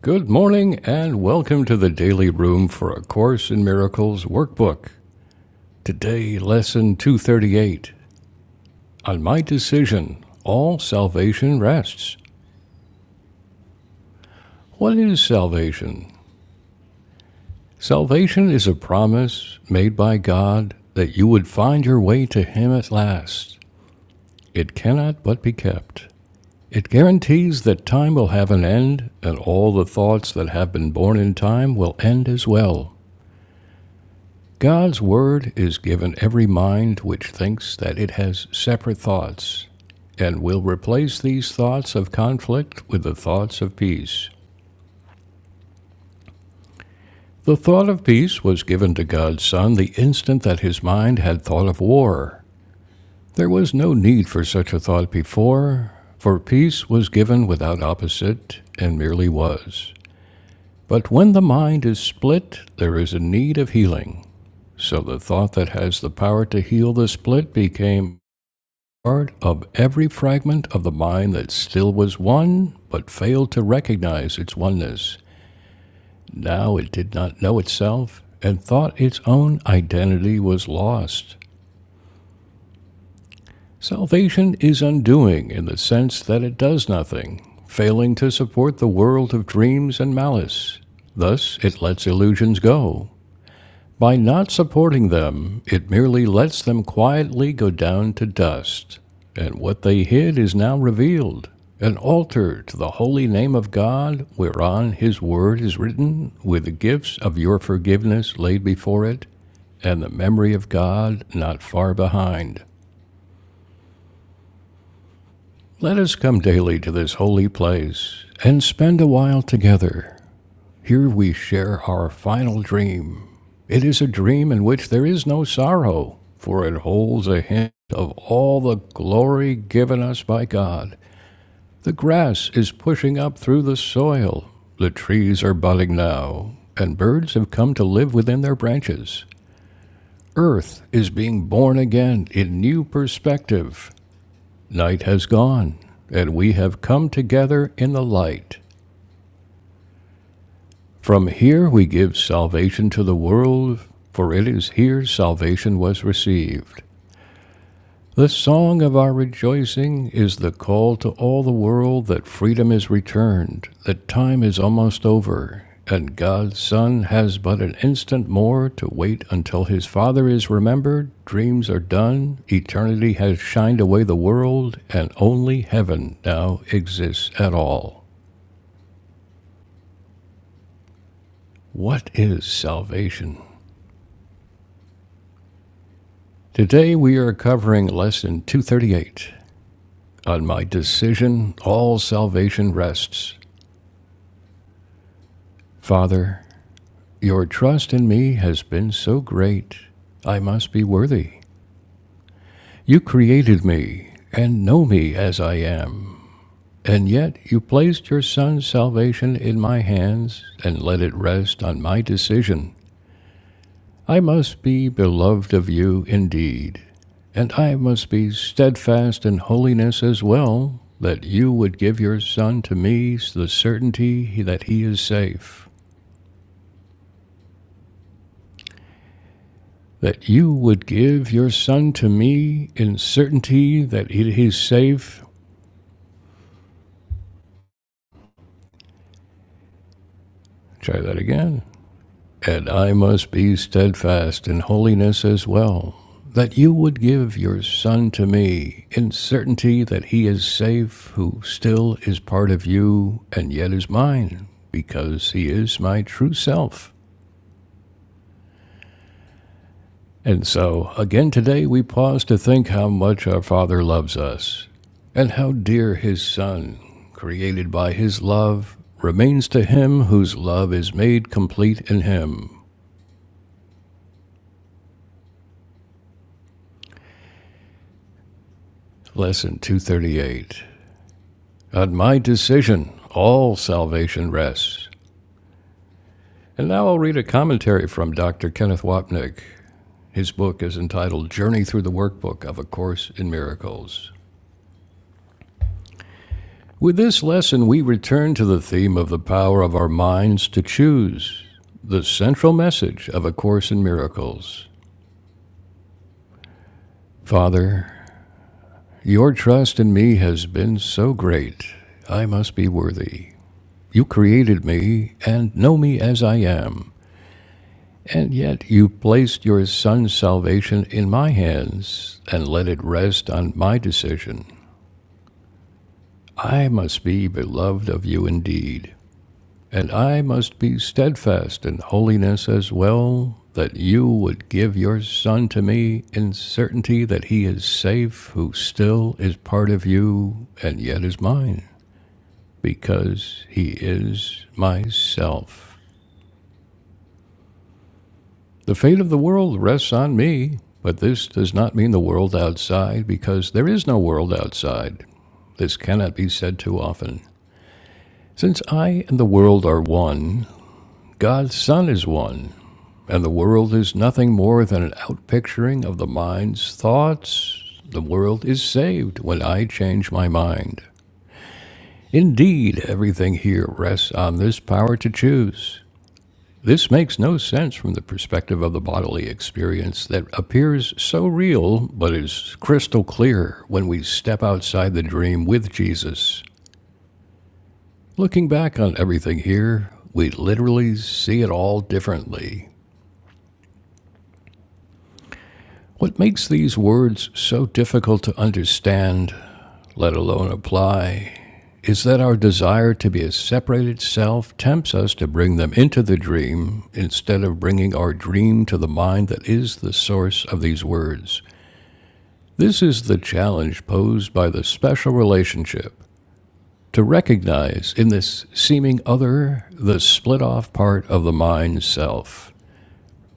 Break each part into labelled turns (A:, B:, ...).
A: Good morning and welcome to the Daily Room for A Course in Miracles workbook. Today, lesson 238. On my decision, all salvation rests. What is salvation? Salvation is a promise made by God that you would find your way to Him at last. It cannot but be kept. It guarantees that time will have an end, and all the thoughts that have been born in time will end as well. God's word is given every mind which thinks that it has separate thoughts, and will replace these thoughts of conflict with the thoughts of peace. The thought of peace was given to God's Son the instant that his mind had thought of war. There was no need for such a thought before, for peace was given without opposite and merely was. But when the mind is split, there is a need of healing. So the thought that has the power to heal the split became part of every fragment of the mind that still was one, but failed to recognize its oneness. Now it did not know itself and thought its own identity was lost. Salvation is undoing in the sense that it does nothing, failing to support the world of dreams and malice. Thus, it lets illusions go, By not supporting them, it merely lets them quietly go down to dust, and what they hid is now revealed an altar to the holy name of God, whereon his word is written, with the gifts of your forgiveness laid before it, and the memory of God not far behind. Let us come daily to this holy place and spend a while together Here we share our final dream. It is a dream in which there is no sorrow, for it holds a hint of all the glory given us by God. The grass is pushing up through the soil, the trees are budding now, and birds have come to live within their branches. Earth is being born again in new perspective. Night has gone, and we have come together in the light. From here we give salvation to the world, for it is here salvation was received. The song of our rejoicing is the call to all the world that freedom is returned, that time is almost over, and God's Son has but an instant more to wait until his Father is remembered, dreams are done, eternity has shined away the world, and only heaven now exists at all. What is salvation? Today we are covering Lesson 238 on my decision all salvation rests. Father, your trust in me has been so great, I must be worthy. You created me and know me as I am, and yet you placed your Son's salvation in my hands and let it rest on my decision. I must be beloved of you indeed, and I must be steadfast in holiness as well, that you would give your son to me the certainty that he is safe. That you would give your son to me in certainty that it is safe. Try that again. And I must be steadfast in holiness as well, that you would give your Son to me, in certainty that he is safe, who still is part of you, and yet is mine, because he is my true self. And so, again today, we pause to think how much our Father loves us, and how dear his Son, created by his love, remains to him whose love is made complete in him. Lesson 238. On my decision, all salvation rests. And now I'll read a commentary from Dr. Kenneth Wapnick. His book is entitled Journey Through the Workbook of A Course in Miracles. With this lesson, we return to the theme of the power of our minds to choose, the central message of A Course in Miracles. Father, your trust in me has been so great, I must be worthy. You created me and know me as I am. And yet you placed your son's salvation in my hands and let it rest on my decision. I must be beloved of you indeed, and I must be steadfast in holiness as well, that you would give your son to me in certainty that he is safe, who still is part of you and yet is mine, because he is myself. The fate of the world rests on me, but this does not mean the world outside, because there is no world outside. This cannot be said too often. Since I and the world are one, God's Son is one, and the world is nothing more than an outpicturing of the mind's thoughts. The world is saved when I change my mind. Indeed, everything here rests on this power to choose. This makes no sense from the perspective of the bodily experience that appears so real but is crystal clear when we step outside the dream with Jesus. Looking back on everything here, we literally see it all differently. What makes these words so difficult to understand, let alone apply, is that our desire to be a separated self tempts us to bring them into the dream instead of bringing our dream to the mind that is the source of these words. This is the challenge posed by the special relationship to recognize in this seeming other the split off part of the mind self.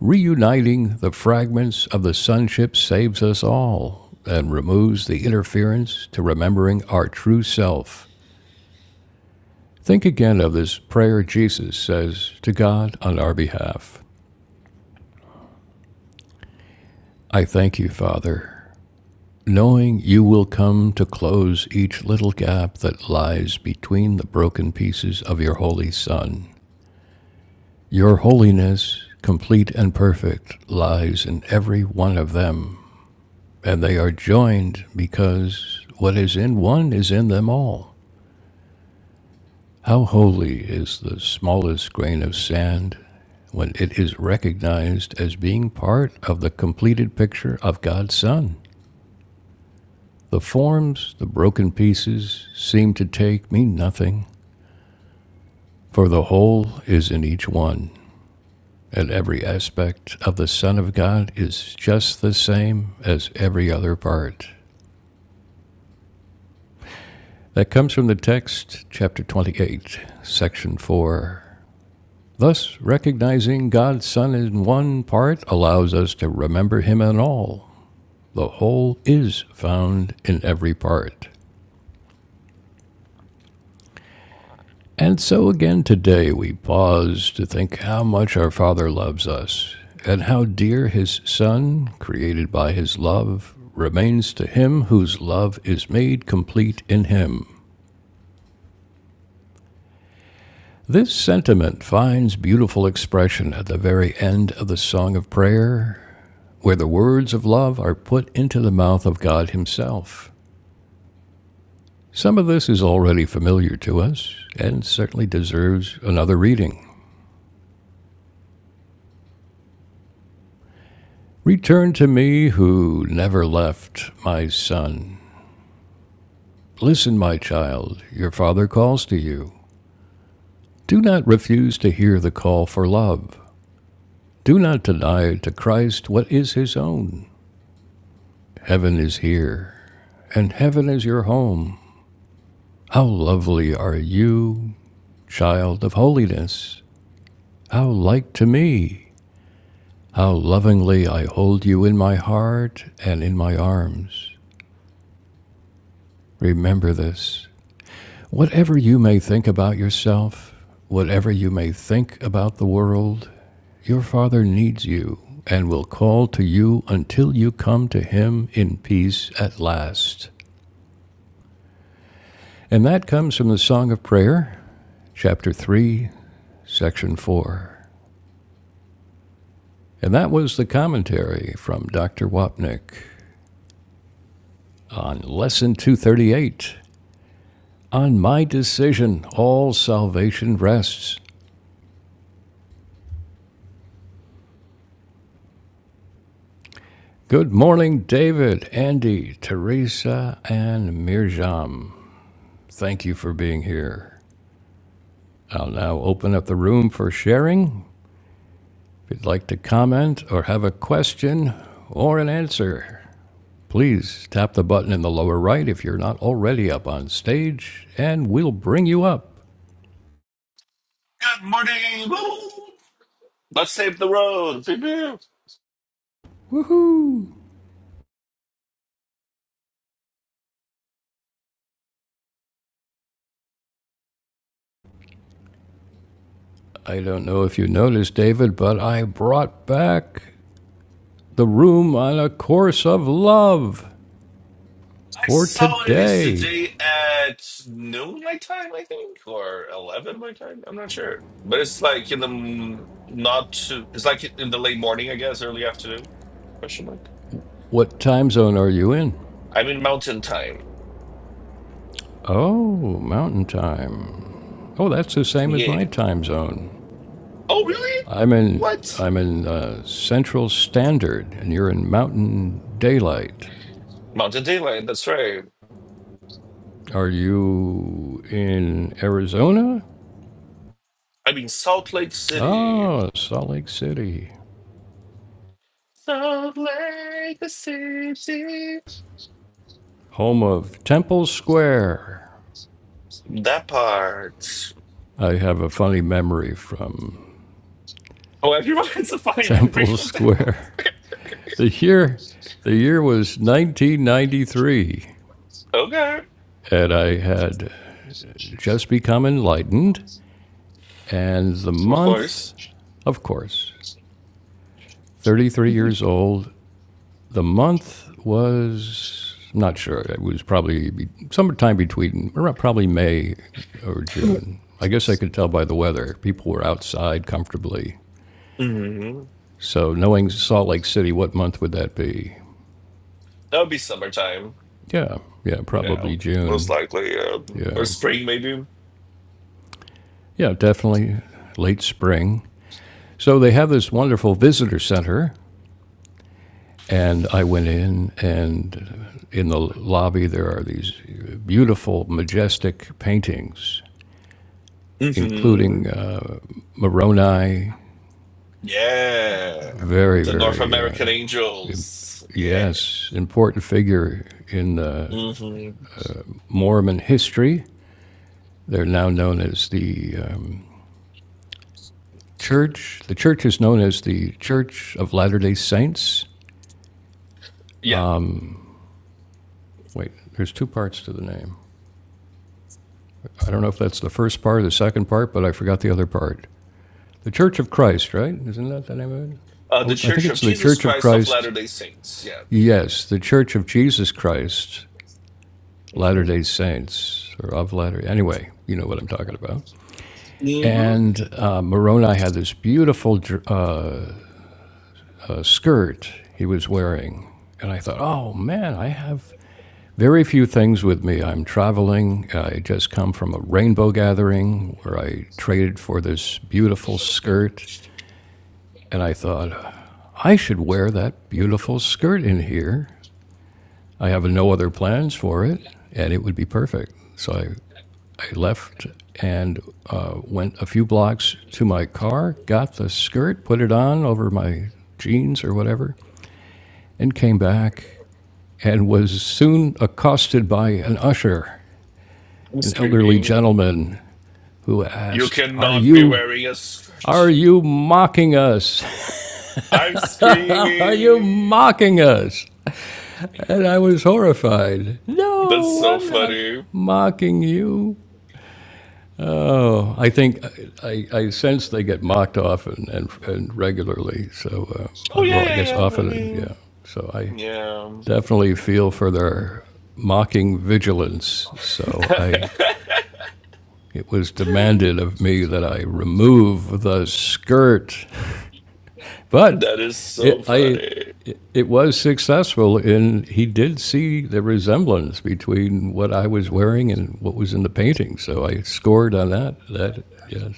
A: Reuniting the fragments of the sonship saves us all and removes the interference to remembering our true self. Think again of this prayer Jesus says to God on our behalf I thank you, Father knowing you will come to close each little gap that lies between the broken pieces of your holy Son. Your holiness, complete and perfect, lies in every one of them, and they are joined because what is in one is in them all. How holy is the smallest grain of sand when it is recognized as being part of the completed picture of God's Son? The forms, the broken pieces, seem to take me nothing, for the whole is in each one, and every aspect of the Son of God is just the same as every other part. That comes from the text, chapter 28, section 4. Thus, recognizing God's Son in one part allows us to remember Him in all. The whole is found in every part. And so again today we pause to think how much our Father loves us and how dear His Son, created by His love, remains to Him whose love is made complete in Him. This sentiment finds beautiful expression at the very end of the Song of Prayer, where the words of love are put into the mouth of God Himself. Some of this is already familiar to us and certainly deserves another reading. Return to me who never left, my son. Listen, my child, your father calls to you. Do not refuse to hear the call for love. Do not deny to Christ what is his own. Heaven is here, and heaven is your home. How lovely are you, child of holiness! How like to me! How lovingly I hold you in my heart and in my arms. Remember this. Whatever you may think about yourself, whatever you may think about the world, your Father needs you and will call to you until you come to Him in peace at last. And that comes from the Song of Prayer, chapter 3, section 4. And that was the commentary from Dr. Wapnick on Lesson 238 On My Decision, All Salvation Rests. Good morning, David, Andy, Teresa, and Mirjam. Thank you for being here. I'll now open up the room for sharing. If you'd like to comment or have a question or an answer, please tap the button in the lower right if you're not already up on stage, and we'll bring you up.
B: Good morning. Woo! Let's save the road. Pew, pew.
A: Woohoo! I don't know if you noticed, David, but I brought back the room on a course of love
B: I
A: for
B: saw it. It's
A: today.
B: today at noon my time, I think, or eleven my time. I'm not sure, but it's like in the m- not too. It's like in the late morning, I guess, early afternoon. Question mark.
A: What time zone are you in?
B: I'm in mountain time.
A: Oh, mountain time. Oh, that's the same as
B: Yeah.
A: my time zone.
B: Oh really?
A: I'm in
B: What?
A: I'm in uh, Central Standard, and you're in Mountain Daylight.
B: Mountain daylight. That's right.
A: Are you in Arizona?
B: I'm in Salt Lake City.
A: Ah, Salt Lake City,
B: Salt Lake City.
A: home of Temple Square.
B: That part.
A: I have a funny memory from
B: Oh, everyone has a funny memory
A: Temple
B: from that.
A: Square. The year, the year was 1993,
B: okay,
A: and I had just become enlightened. And the
B: of
A: month,
B: course.
A: of course, 33 years old. The month was, I'm not sure, it was probably be- sometime between, around probably May or June. I guess I could tell by the weather. People were outside comfortably.
B: hmm
A: So knowing Salt Lake City, what month would that be?
B: That would be summertime.
A: Yeah, yeah, probably
B: Yeah, most
A: June.
B: likely, um, or
A: Yeah,
B: spring maybe.
A: yeah, definitely late spring. So they have this wonderful visitor center And I went in, and in the lobby there are these beautiful, majestic paintings,
B: hmm
A: including uh, Moroni,
B: Yeah,
A: very,
B: the North
A: very, uh,
B: American Angels. Yeah.
A: yes, important figure in uh,
B: hmm
A: Mormon history. They're now known as the um, church. The church is known as the Church of Latter day Saints.
B: Yeah,
A: Wait, there's two parts to the name. I don't know if that's the first part or the second part, but I forgot the other part. The Church of Christ, right? Isn't that the name of it?
B: uh, the
A: Oh, I think
B: Church of
A: it's the
B: Jesus
A: Church of
B: Christ of
A: Christ.
B: Latter Day Saints. Yeah.
A: Yes, the Church of Jesus Christ, Latter
B: hmm
A: Day Saints, or of Latter. Anyway, you know what I'm talking about.
B: hmm
A: And uh, Moroni had this beautiful uh, uh, skirt he was wearing, and I thought, oh man, I have very few things with me. I'm traveling. I just come from a rainbow gathering where I traded for this beautiful skirt, and I thought, I should wear that beautiful skirt in here. I have no other plans for it, and it would be perfect. So I, I left and uh, went a few blocks to my car, got the skirt, put it on over my jeans or whatever, and came back and was soon accosted by an usher,
B: I'm
A: an elderly
B: screaming.
A: gentleman who
B: You
A: asked, Are
B: cannot be
A: you,
B: wearing a
A: are
B: skirt.
A: you mocking us?
B: I'm
A: Are you
B: screaming.
A: mocking us? And I was horrified.
B: That's
A: No,
B: so
A: I'm not
B: funny.
A: mocking you. Oh, I think uh, I, I sense they get mocked often and, and regularly. So, uh,
B: Oh
A: I,
B: yeah,
A: well, I
B: yeah,
A: guess
B: yeah. I
A: often,
B: mean,
A: yeah. So I
B: yeah.
A: definitely feel for their mocking vigilance. So I, it was demanded of me that I remove the skirt, but
B: that is so
A: it, I
B: funny.
A: it was successful, and he did see the resemblance between what I was wearing and what was in the painting. So I scored on that. That yes,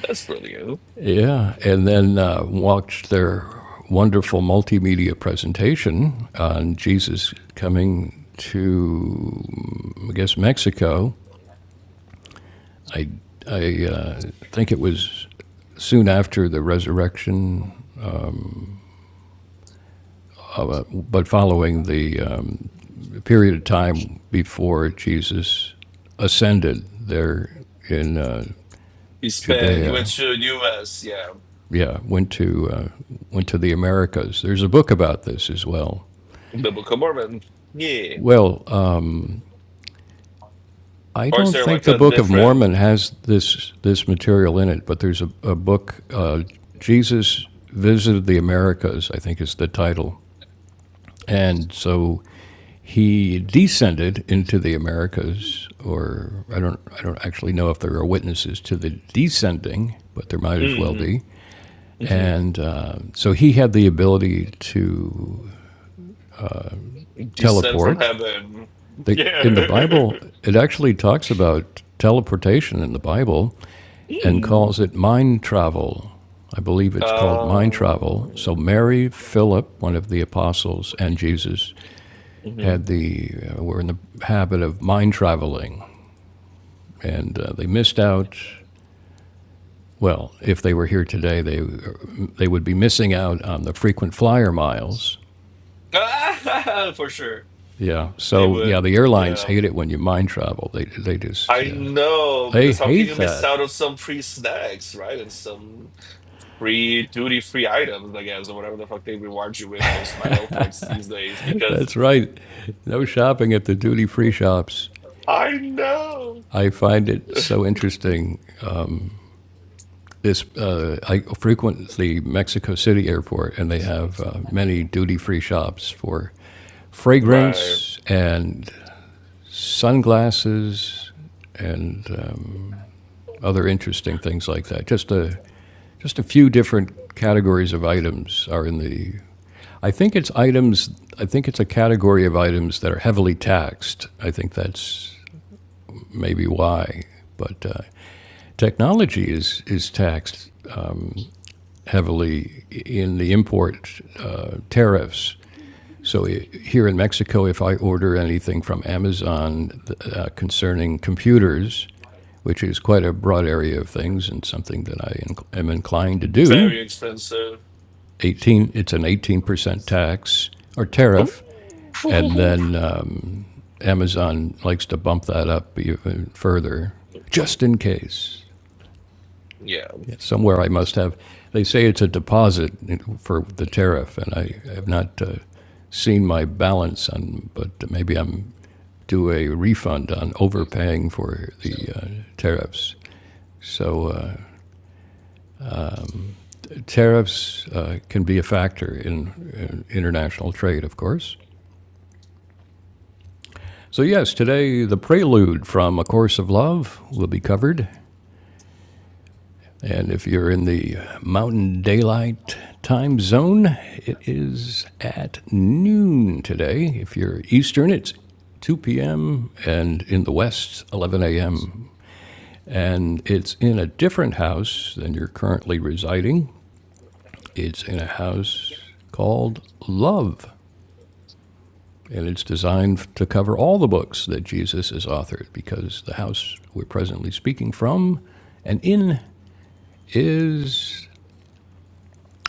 B: That's brilliant.
A: yeah, and then uh, watched their wonderful multimedia presentation on Jesus coming to, I guess, Mexico. I I uh, think it was soon after the resurrection, of, uh, but following the um, a period of time before Jesus ascended there in uh,
B: He spent. He went
A: Judea.
B: to U.S. Yeah,
A: Yeah, went to uh, went to the Americas. There's a book about this as well.
B: Biblical Mormon. Yeah.
A: Well, uh, I
B: Or is
A: don't
B: there
A: think
B: like
A: the
B: a
A: Book of Mormon
B: different
A: has this this material in it, but there's a, a book. Uh, Jesus visited the Americas. I think is the title, and so he descended into the Americas, or I don't, I don't actually know if there are witnesses to the descending, but there might as well
B: mm,
A: be.
B: hmm
A: And uh, so he had the ability to
B: descent from
A: teleport.
B: heaven?
A: The, in the
B: Yeah.
A: Bible, it actually talks about teleportation in the Bible and
B: Mm.
A: calls it mind travel. I believe it's called mind travel. So
B: Um,
A: Mary, Philip, one of the apostles, and Jesus
B: mhm.
A: had the uh, were in the habit of mind traveling and uh, they missed out. Well, if they were here today, they they would be missing out on the frequent flyer miles.
B: for sure.
A: Yeah.
B: They
A: So yeah,
B: would.
A: the airlines
B: Yeah.
A: hate
B: um,
A: it when you mind travel. They they just
B: I
A: yeah
B: know
A: they
B: because how can
A: hate
B: you miss
A: that.
B: out on some free snacks, right? And some free duty free items, I guess, or whatever the fuck they reward you with those bio points these days. Because
A: That's right. No shopping at the duty free shops.
B: I know,
A: I find it so interesting. This uh, I frequent the Mexico City airport, and they have uh, many duty free shops for
B: right?
A: fragrance and sunglasses, and um, other interesting things like that. Just a just a few different categories of items are in the. I think it's items. I think it's a category of items that are heavily taxed. I think that's maybe why. But uh, technology is is taxed heavily in the import uh, tariffs So here in Mexico, if I order anything from Amazon uh, concerning computers, which is quite a broad area of things and something that I inc- am inclined to do,
B: Very expensive.
A: 18, it's an 18% tax or
B: Ooh.
A: tariff, and then um, Amazon likes to bump that up even further, just in case.
B: Yeah.
A: Yeah, Somewhere I must have. They say it's a deposit for the tariff, and I have not uh, seen my balance on, but maybe I'm do a refund on overpaying for the uh, tariffs. So uh, tariffs uh, can be a factor in, in international trade, of course. So, yes, today the prelude from A Course of Love will be covered. And if you're in the Mountain Daylight time zone, it is at noon today. If you're Eastern, it's 2 p.m., and in the West, 11 a.m. And it's in a different house than you're currently residing. It's in a house called Love. And it's designed to cover all the books that Jesus has authored because the house we're presently speaking from and in is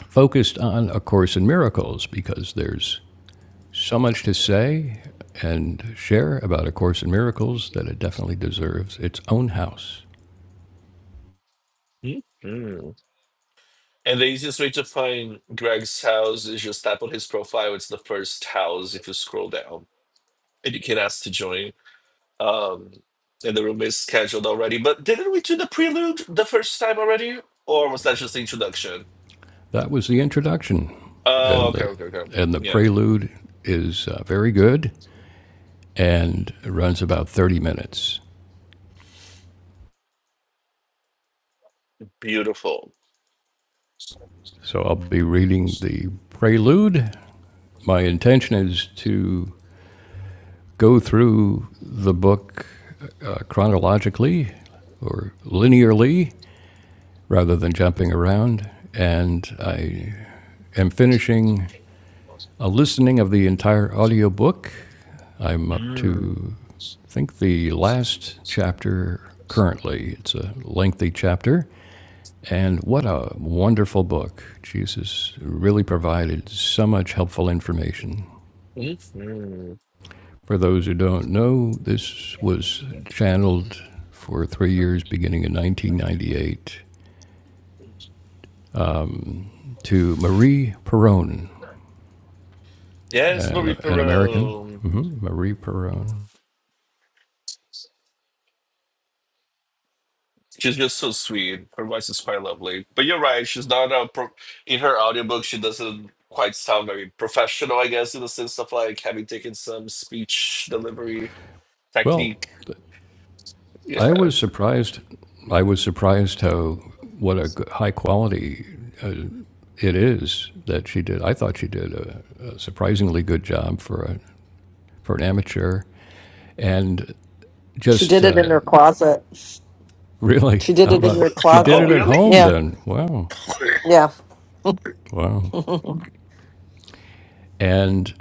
A: focused on A Course in Miracles because there's so much to say and share about A Course in Miracles that it definitely deserves its own house.
B: Mhm. And the easiest way to find Greg's house is just tap on his profile. It's the first house if you scroll down, and you can ask to join. Um, and the room is scheduled already. But didn't we do the prelude the first time already? Or was that just the introduction?
A: That was the introduction,
B: Oh,
A: and
B: okay,
A: the
B: okay, okay.
A: and the
B: Yeah,
A: prelude is uh, very good and runs about 30 minutes.
B: beautiful.
A: So I'll be reading the prelude. My intention is to go through the book uh, chronologically or linearly rather than jumping around, and I am finishing a listening of the entire audiobook I'm up
B: Mm.
A: to, I think, the last chapter currently. It's a lengthy chapter. And what a wonderful book. Jesus really provided so much helpful information.
B: Mhm.
A: For those who don't know, this was channeled for three years, beginning in 1998, to Marie Perron,
B: Yes,
A: an,
B: Marie
A: an American.
B: Perot.
A: hmm Marie Perron.
B: She's just so sweet. Her voice is quite lovely. But you're right, she's not a pro- in her audiobook, she doesn't quite sound very professional, I guess, in the sense of like having taken some speech delivery
A: Well,
B: technique.
A: I
B: Yeah.
A: was surprised. I was surprised how what a high quality it is that she did. I thought she did a, a surprisingly good job for a for an amateur, and
C: She
A: just
C: did it in
A: uh,
C: her closet.
A: really,
C: She did
A: how
C: it in your
A: about she did
B: Oh,
A: it
C: closet.
A: at
B: really?
A: home?
C: Yeah,
A: Then wow,
C: yeah,
A: wow. And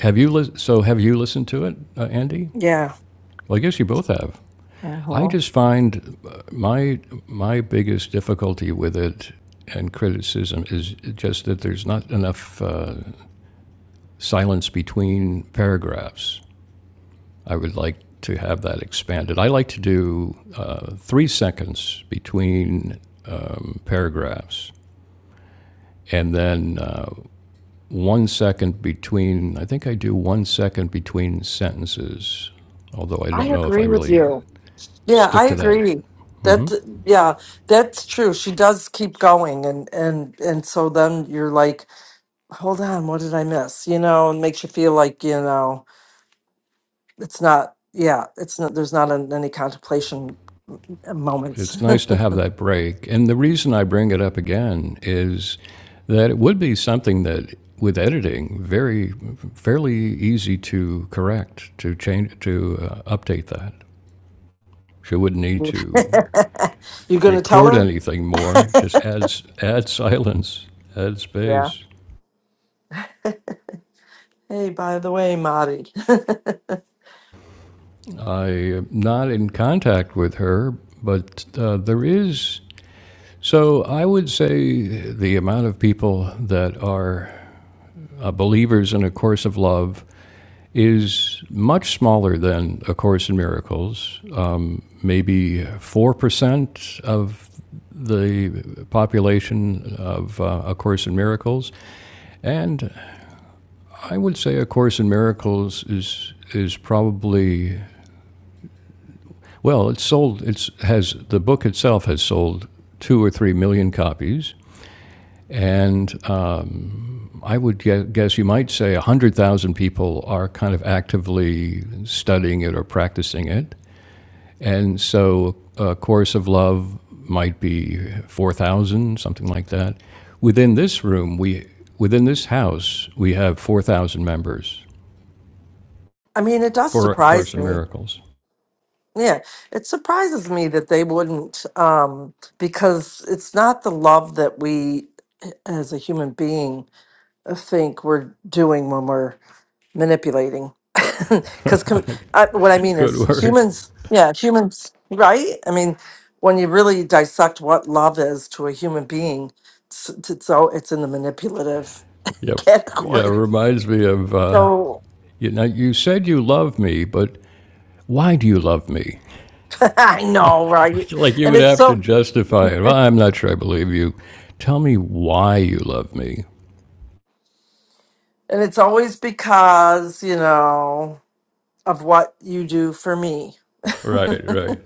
A: have you lis- so have you listened to it, uh, Andy?
C: yeah.
A: Well, I guess you both have. I
C: Uh-huh.
A: just find uh, my my biggest difficulty with it and criticism is just that there's not enough uh, silence between paragraphs. I would like to have that expanded. I like to do uh, three seconds between paragraphs and then uh, one second between, I think I do one second between sentences, although I
C: I
A: don't know if I
C: agree with
A: really
C: you. Yeah, I
A: stick to that.
C: agree. That yeah, that's true. She does keep going, and and and so then you're like, hold on, what did I miss? You know, and makes you feel like you know it's not. Yeah, it's not. There's not an, any contemplation moments.
A: It's nice to have that break. And the reason I bring it up again is that it would be something that with editing very fairly easy to correct to change to uh, update that she wouldn't need
C: you
A: to
C: gonna tell
A: record
C: her?
A: anything more. Just adds add silence, add
C: Yeah.
A: space.
C: Hey, by the way, Marty.
A: I'm not in contact with her, but uh, there is. So I would say the amount of people that are uh, believers in a course of love is much smaller than a course in miracles. Uh, maybe four percent of the population of uh, A Course in Miracles, and I would say A Course in Miracles is is probably well, it's sold. It's has the book itself has sold two or three million copies, and um, I would guess you might say one hundred thousand people are kind of actively studying it or practicing it, and so A Course of Love might be four thousand, something like that. Within this room, we within this house, we have four thousand members
C: I mean, it does
A: for A Course
C: surprise
A: in
C: me.
A: Miracles.
C: Yeah, it surprises me that they wouldn't, um, because it's not the love that we as a human being uh, think we're doing when we're manipulating. Because com- I, what I mean
A: Good
C: is
A: word.
C: humans, yeah, humans, right? I mean, when you really dissect what love is to a human being, it's, it's, so it's in the manipulative
A: Yep. Yeah, it
C: category.
A: reminds me of uh,
C: So
A: you know you said you love me, but why do you love me?
C: I know, right?
A: Like like you
C: And
A: would
C: it's
A: have to
C: so,
A: justify it. Well, I'm not sure I believe you. Tell me why you love me.
C: and it's always because, you know. of what you do for me.
A: Right, right.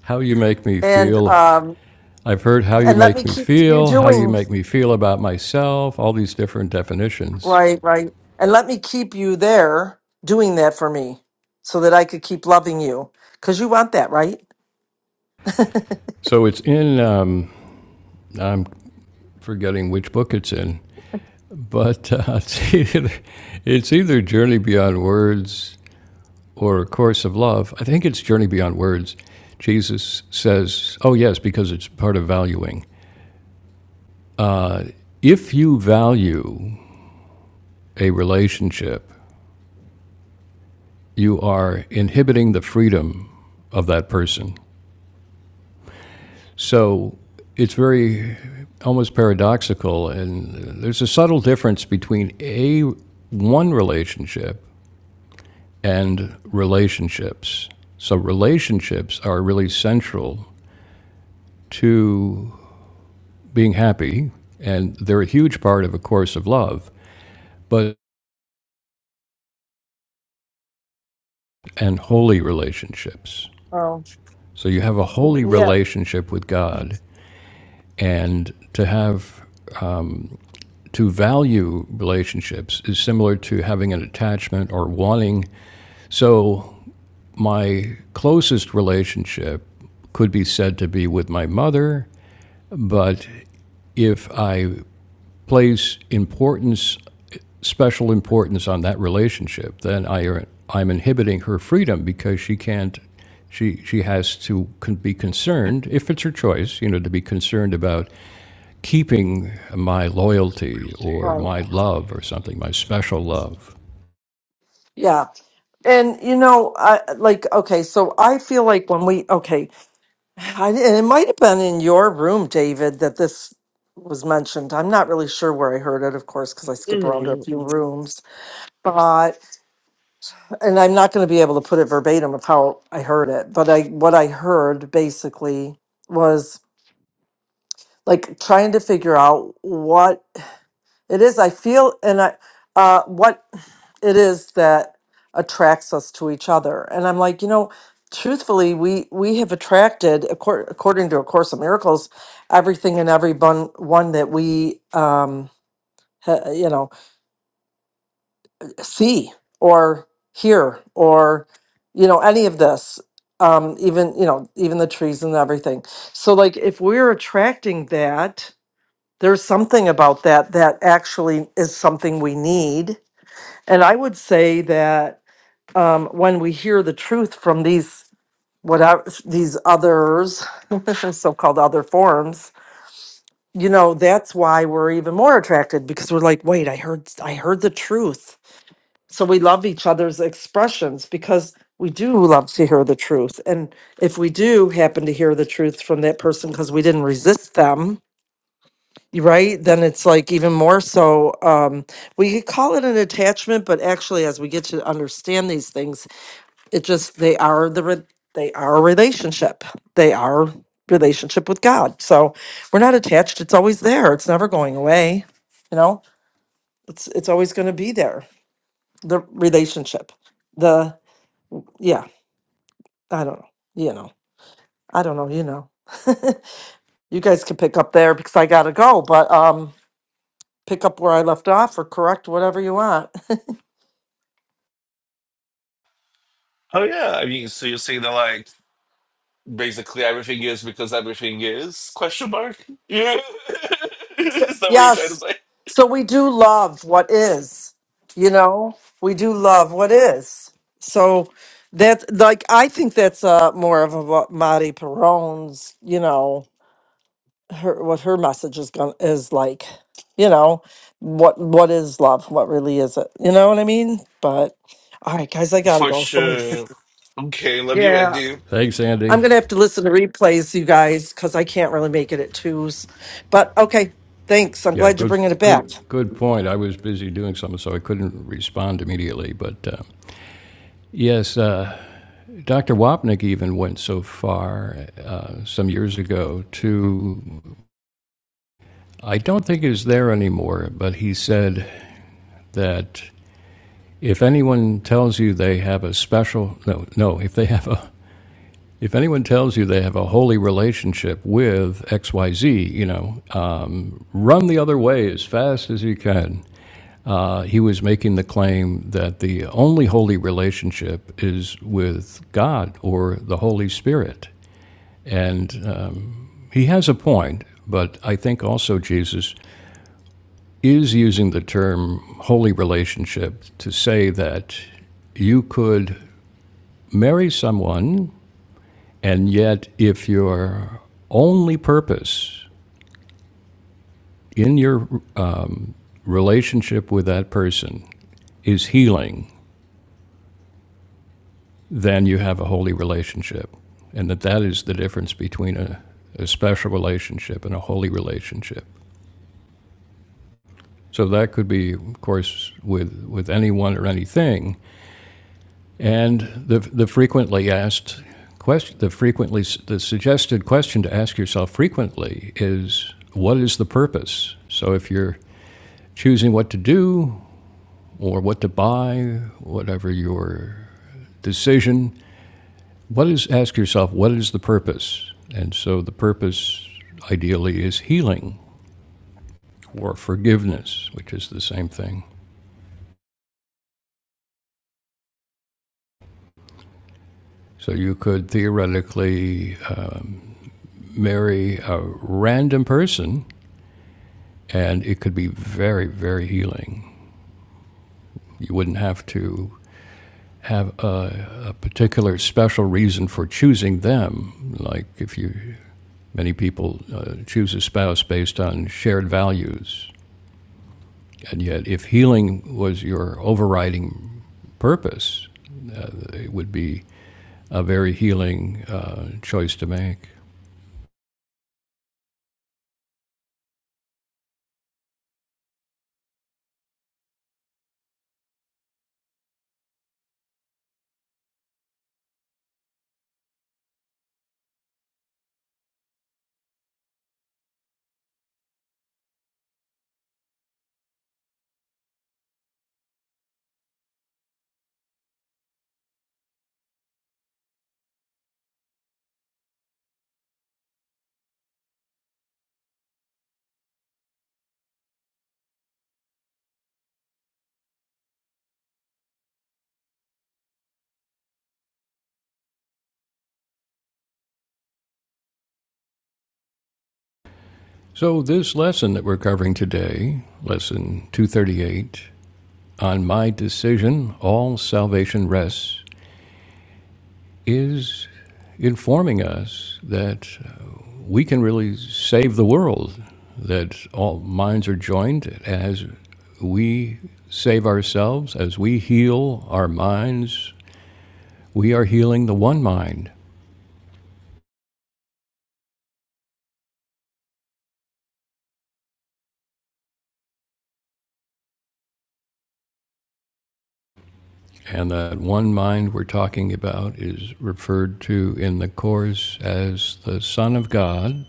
A: How you make me
C: and
A: feel.
C: um
A: I've heard how you
C: and let me
A: make me
C: keep you
A: feel, how you
C: doing
A: make me feel about myself, all these different definitions.
C: right right and let me keep you there doing that for me so that i could keep loving you because you want that right
A: So it's in um, I'm forgetting which book it's in, But uh, it's, either, it's either Journey Beyond Words or A Course of Love. I think it's Journey Beyond Words. Jesus says, oh, yes, because it's part of valuing. If you value a relationship, you are inhibiting the freedom of that person. So it's very almost paradoxical, and there's a subtle difference between a one relationship and relationships. So, relationships are really central to being happy, and they're a huge part of a course of love, but and holy relationships.
C: oh
A: So, you have a holy
C: yeah
A: relationship with God, and to have to value relationships is similar to having an attachment or wanting. So, my closest relationship could be said to be with my mother, but if I place importance, special importance on that relationship, then I er, I'm inhibiting her freedom because she can't, she, she has to con- be concerned, if it's her choice, you know, to be concerned about keeping my loyalty or
C: right
A: my love or something, my special love.
C: yeah and you know i like okay so i feel like when we okay I, and it might have been in your room david that this was mentioned i'm not really sure where i heard it of course because i skip around to a few rooms but. and I'm not going to be able to put it verbatim of how I heard it, but I what I heard basically was like trying to figure out what it is I feel and I uh what it is that attracts us to each other. And I'm like, you know, truthfully, we we have attracted accor- according to a course of miracles everything and everyone one that we um ha- you know see or hear or you know any of this um even you know even the trees and everything so like if we're attracting that there's something about that that actually is something we need and i would say that um when we hear the truth from these whatever these others so-called other forms you know that's why we're even more attracted because we're like wait i heard i heard the truth so we love each other's expressions because we do love to hear the truth and if we do happen to hear the truth from that person because we didn't resist them y- right then it's like even more so um we could call it an attachment but actually as we get to understand these things it just they are the re- they are a relationship they are relationship with god so we're not attached it's always there it's never going away you know it's it's always going to be there the relationship yeah, I don't know. You know, I don't know. You know, you guys can pick up there because I gotta go. But um, pick up where I left off or correct whatever you want.
B: Oh yeah, I mean, so you're saying that like basically everything is because everything is question mark yeah is that what you're trying to
C: yes.
B: say
C: So we do love what is. You know, we do love what is. So that's like I think that's uh more of a Marty Perone's. You know, her what her message is going to is like you know what what is love what really is it you know what i mean but all right guys i gotta
B: for
C: go so
B: sure okay love you
C: yeah
B: andy
A: Thanks,
C: i'm
A: Andy.
C: gonna have to listen to replays you guys because i can't really make it at twos but okay thanks i'm
A: Yeah,
C: glad you're bringing it
A: good,
C: back
A: good, good point. I was busy doing something, so I couldn't respond immediately. But uh, yes, uh, Dr. Wapnick even went so far uh, some years ago to, I don't think it's there anymore, but he said that if anyone tells you they have a special, no, no, if they have a, if anyone tells you they have a holy relationship with XYZ, you know, um, run the other way as fast as you can. Uh, he was making the claim that the only holy relationship is with God or the Holy Spirit. And uh, He has a point, but I think also Jesus is using the term holy relationship to say that you could marry someone, and yet if your only purpose in your relationship with that person is healing, then you have a holy relationship. And that that is the difference between a, a special relationship and a holy relationship. So that could be, of course, with, with anyone or anything, And the, the frequently asked question, the frequently the suggested question to ask yourself frequently is what is the purpose? So if you're choosing what to do or what to buy, whatever your decision, what is ask yourself what is the purpose? And so the purpose ideally is healing or forgiveness, which is the same thing. So you could theoretically uh, marry a random person And it could be very, very healing. You wouldn't have to have a, a particular special reason for choosing them. Like if you, many people uh, choose a spouse based on shared values. And yet, if healing was your overriding purpose, it would be a very healing uh, choice to make. So, this lesson that we're covering today, lesson 238, on my decision, all salvation rests, is informing us that we can really save the world, that all minds are joined as we save ourselves, as we heal our minds, we are healing the one mind. And that one mind we're talking about is referred to in the Course as the Son of God.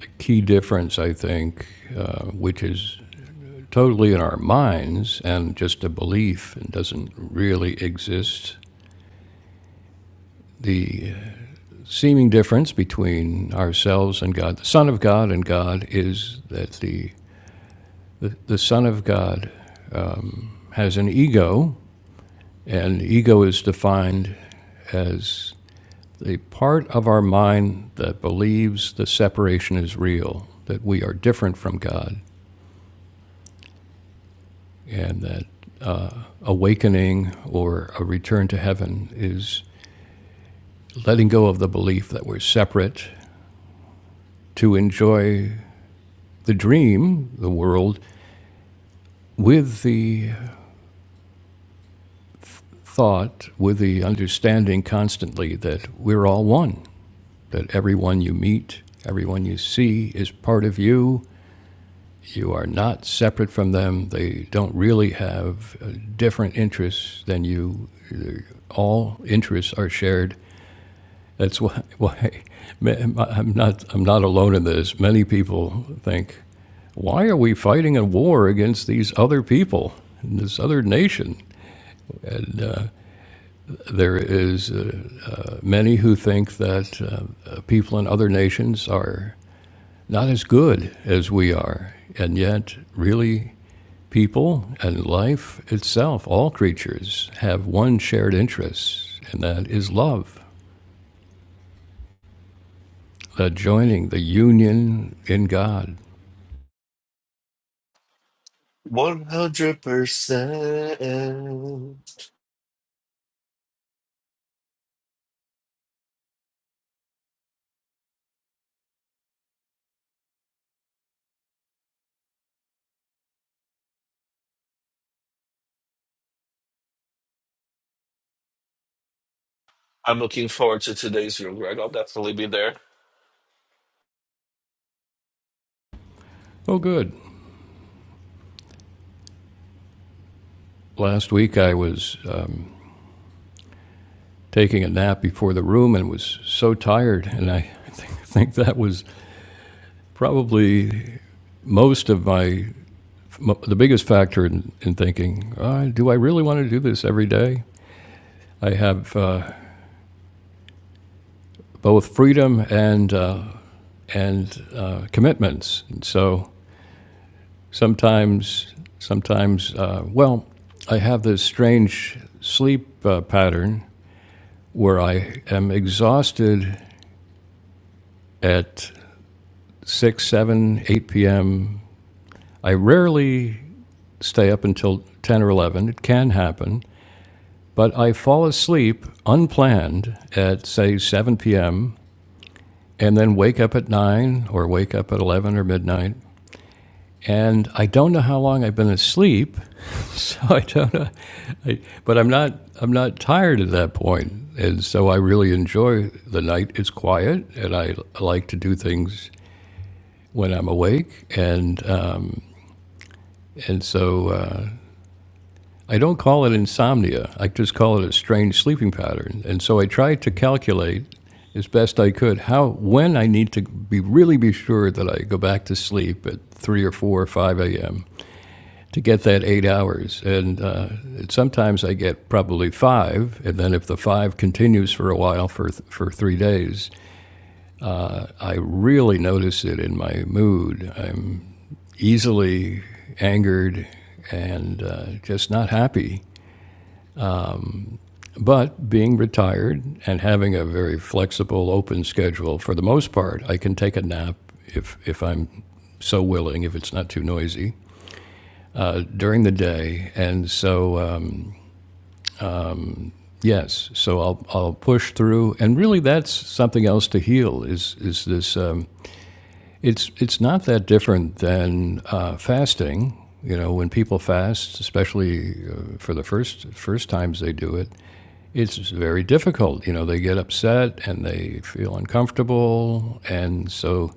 A: The key difference, I think, uh, which is totally in our minds and just a belief and doesn't really exist The seeming difference between ourselves and God, the Son of God and God, is that the, the, the Son of God has an ego, and ego is defined as the part of our mind that believes the separation is real, that we are different from God, and that awakening or a return to heaven is letting go of the belief that we're separate to enjoy the dream, the world, with the thought with the understanding constantly that we're all one, that everyone you meet, everyone you see is part of you. You are not separate from them. They don't really have uh, different interests than you. All interests are shared. That's why, why I'm, not, I'm not alone in this. Many people think, why are we fighting a war against these other people, this other nation? There is uh, many who think that uh, uh, people in other nations are not as good as we are, and yet, really, people and life itself, all creatures, have one shared interest, and that is love, the joining, the union in God.
B: 100% i'm looking forward to today's room greg i'll definitely be there
A: Oh, good. Last week I was um, taking a nap before the room and was so tired, and I think that was probably most of my m- the biggest factor in, in thinking, uh, do I really want to do this every day? I have uh, both freedom and uh, and uh, commitments. And so sometimes, sometimes, uh, well, I have this strange sleep uh, pattern where I am exhausted at six, seven, eight p.m. I rarely stay up until ten or eleven. It can happen, But I fall asleep unplanned at, say, 7 p.m., and then wake up at 9 or wake up at 11 or midnight. And I don't know how long I've been asleep, so I don't know. I, but I'm not, I'm not tired at that point. And so I really enjoy the night. It's quiet, and I like to do things when I'm awake. And, uh, and so uh, I don't call it insomnia. I just call it a strange sleeping pattern. And so I tried to calculate as best I could how when I need to be really be sure that I go back to sleep at three or four or five a.m. to get that eight hours. And uh, sometimes I get probably five, and then if the five continues for a while for th- for three days, I really notice it in my mood. I'm easily angered and uh, just not happy. But being retired and having a very flexible, open schedule, for the most part, I can take a nap if, if I'm so willing, if it's not too noisy, uh, during the day. And so, um, yes, so I'll, I'll push through. And really, that's something else to heal is, is this um, it's, it's not that different than uh, fasting. You know, when people fast, especially uh, for the first, first times they do it, it's very difficult. You know, they get upset and they feel uncomfortable, and so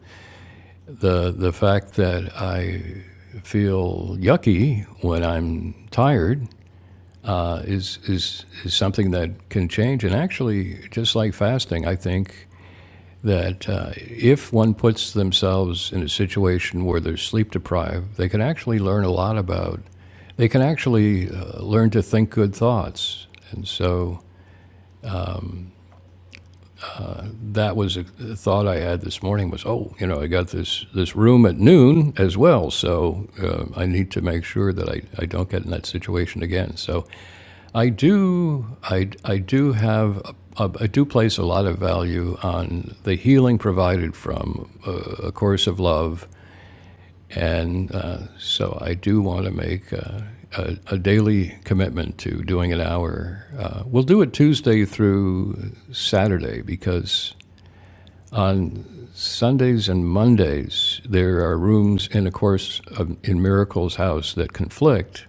A: the the fact that I feel yucky when I'm tired uh, is is is something that can change. And actually, just like fasting, I think that uh, if one puts themselves in a situation where they're sleep deprived, they can actually learn a lot about. They can actually uh, learn to think good thoughts, and so that was a thought I had this morning was, oh, you know, I got this, this room at noon as well, so uh, I need to make sure that I, I don't get in that situation again. So I do I, I do have a- a- I do place a lot of value on the healing provided from uh, a course of love, and uh, so I do want to make. Uh, a, a daily commitment to doing an hour. Uh, we'll do it Tuesday through Saturday because on Sundays and Mondays, there are rooms in a course of, in Miracle's house that conflict,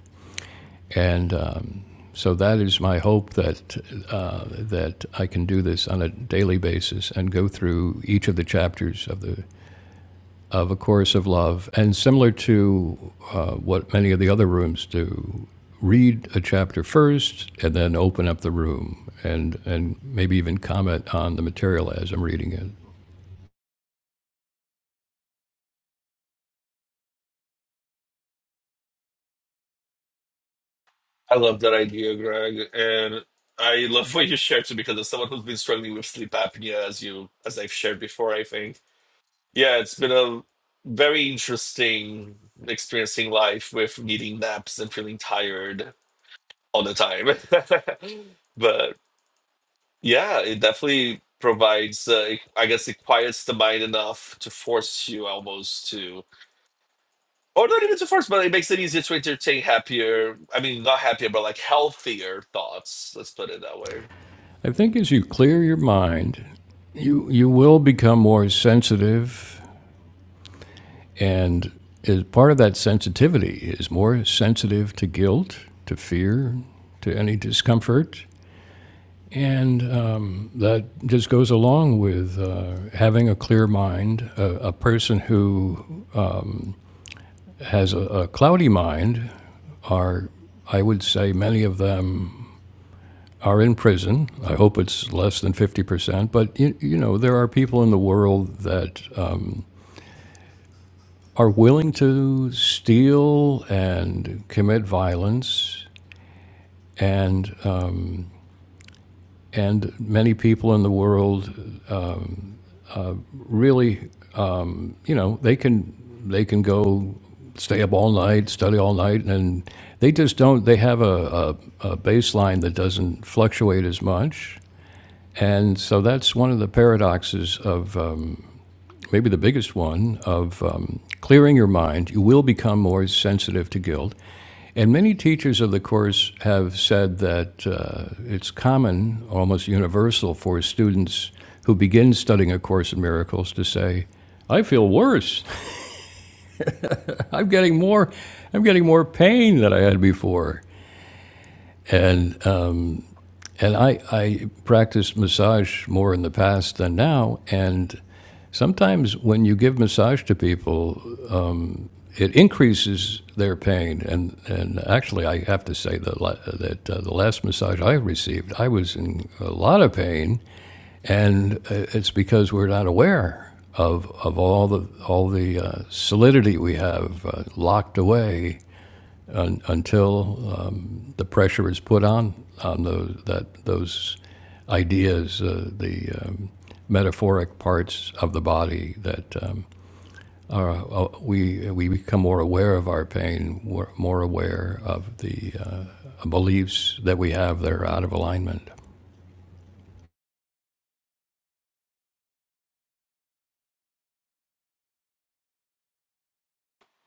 A: and um, so that is my hope that uh, that I can do this on a daily basis and go through each of the chapters of the of a course of love, and similar to uh, what many of the other rooms do, read a chapter first and then open up the room and and maybe even comment on the material as I'm reading it.
B: i love that idea greg and i love what you shared too because as someone who's been struggling with sleep apnea as you as i've shared before i think yeah it's been a very interesting experiencing life with needing naps and feeling tired all the time. but yeah, it definitely provides, uh, it- I guess it quiets the mind enough to force you almost to, or not even to force, but it makes it easier to entertain happier, I mean, not happier, but like healthier thoughts. Let's put it that way.
A: I think as you clear your mind, you you will become more sensitive, and as part of that sensitivity is more sensitive to guilt, to fear, to any discomfort, and um, that just goes along with uh, having a clear mind. A, a person who has a, a cloudy mind are I would say many of them are in prison. I hope it's less than 50%, but you, you know, there are people in the world that are willing to steal and commit violence, and uh, and many people in the world really, you know, they can they can go stay up all night, study all night, and they just don't. They have a, a, a baseline that doesn't fluctuate as much, and so that's one of the paradoxes of. Uh, maybe the biggest one, of um, clearing your mind. You will become more sensitive to guilt. And many teachers of the Course have said that uh, it's common, almost universal, for students who begin studying A Course in Miracles to say, I feel worse. I'm getting more, I'm getting more pain than I had before. And, uh, and I, I practiced massage more in the past than now. And sometimes when you give massage to people, it increases their pain. And, and actually, I have to say that, la- that uh, the last massage I received, I was in a lot of pain, and uh, it's because we're not aware of, of all the, all the uh, solidity we have uh, locked away un, until um, the pressure is put on, on those, that, those ideas, uh, the um, metaphoric parts of the body that um, uh, we we become more aware of our pain, more- more aware of the uh, beliefs that we have that are out of alignment.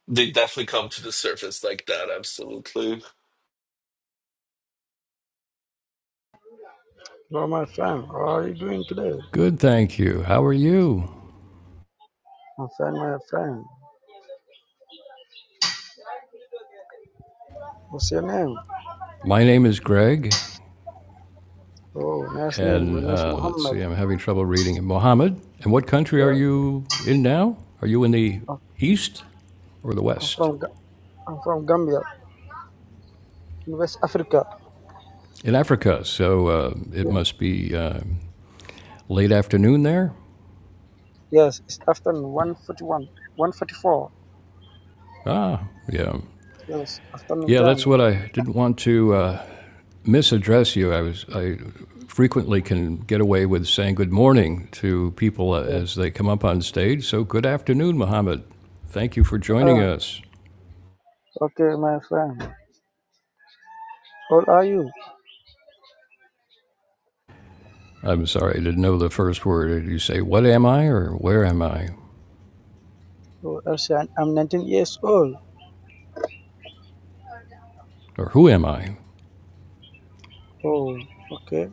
B: They definitely come to the surface like that, absolutely.
D: Hello, my friend. How are you doing today?
A: Good, thank you. How are you?
D: My friend, my friend. What's your name?
A: My name is Greg,
D: Oh, nice name. My
A: and
D: name's
A: uh, let's
D: Muhammad.
A: see, I'm having trouble reading it. Mohammed, and what country are
D: Yeah.
A: you in now? Are you in the
D: I'm
A: east or the
D: I'm
A: west?
D: from Ga- I'm from Gambia, in West Africa.
A: In Africa, so uh, it
D: Yeah.
A: must be uh, late afternoon there.
D: Yes, it's afternoon 141, 144.
A: Ah, yeah,
D: Yes, afternoon
A: yeah. That's
D: time.
A: what I didn't want to. Uh, misaddress you. I was I frequently can get away with saying good morning to people
D: Yes.
A: as they come up on stage. So good afternoon, Mohammed. Thank you for joining
D: Uh,
A: us.
D: okay, my friend. How old are you?
A: I'm sorry I didn't know the first word. you say what am I or where am I
D: Oh, I say I'm I'm 19 years old.
A: or who am I?
D: Oh, okay.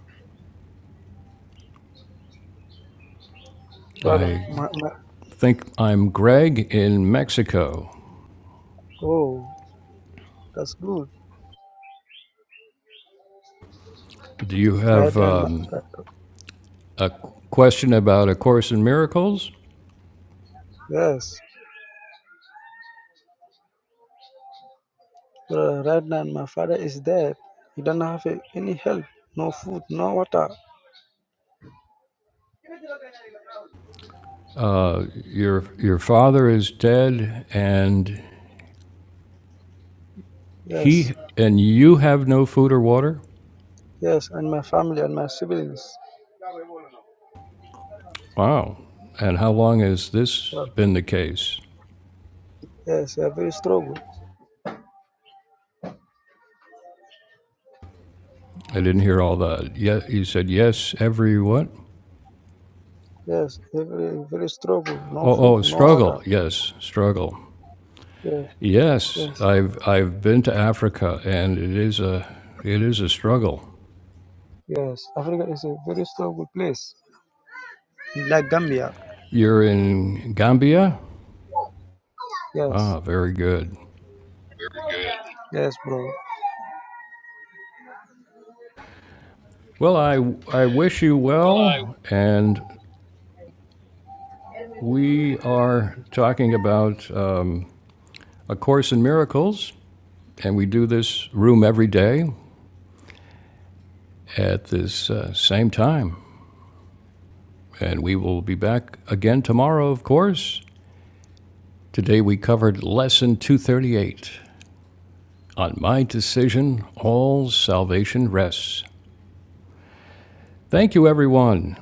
D: Brother,
A: I
D: my, my,
A: think I'm Greg in Mexico.
D: oh, that's good.
A: Do you
D: Right
A: have
D: then, my,
A: um,
D: right,
A: a question about A Course in Miracles?
D: yes. Uh, right now, my father is dead. He doesn't have a- any help, no food, no water.
A: Uh, your your father is dead, and
D: Yes,
A: He and you have no food or water?
D: yes, and my family and my siblings.
A: Wow. And how long has this
D: Uh,
A: been the case?
D: yes, a very struggle.
A: I didn't hear all that. Yeah, you said yes every what?
D: Yes, a very very struggle. No
A: Oh,
D: food,
A: oh,
D: no water.
A: struggle. Yes, struggle.
D: Yes,
A: Yes,
D: yes,
A: I've I've been to Africa and it is a it is a struggle.
D: yes. Africa is a very struggle place, like Gambia.
A: You're in Gambia?
D: Yes,
A: Ah, very good.
D: yes, bro.
A: Well, I I wish you well and we are talking about um, a course in miracles And we do this room every day at this uh, same time. And we will be back again tomorrow, of course. Today we covered Lesson 238 On My Decision, All Salvation Rests. Thank you, everyone.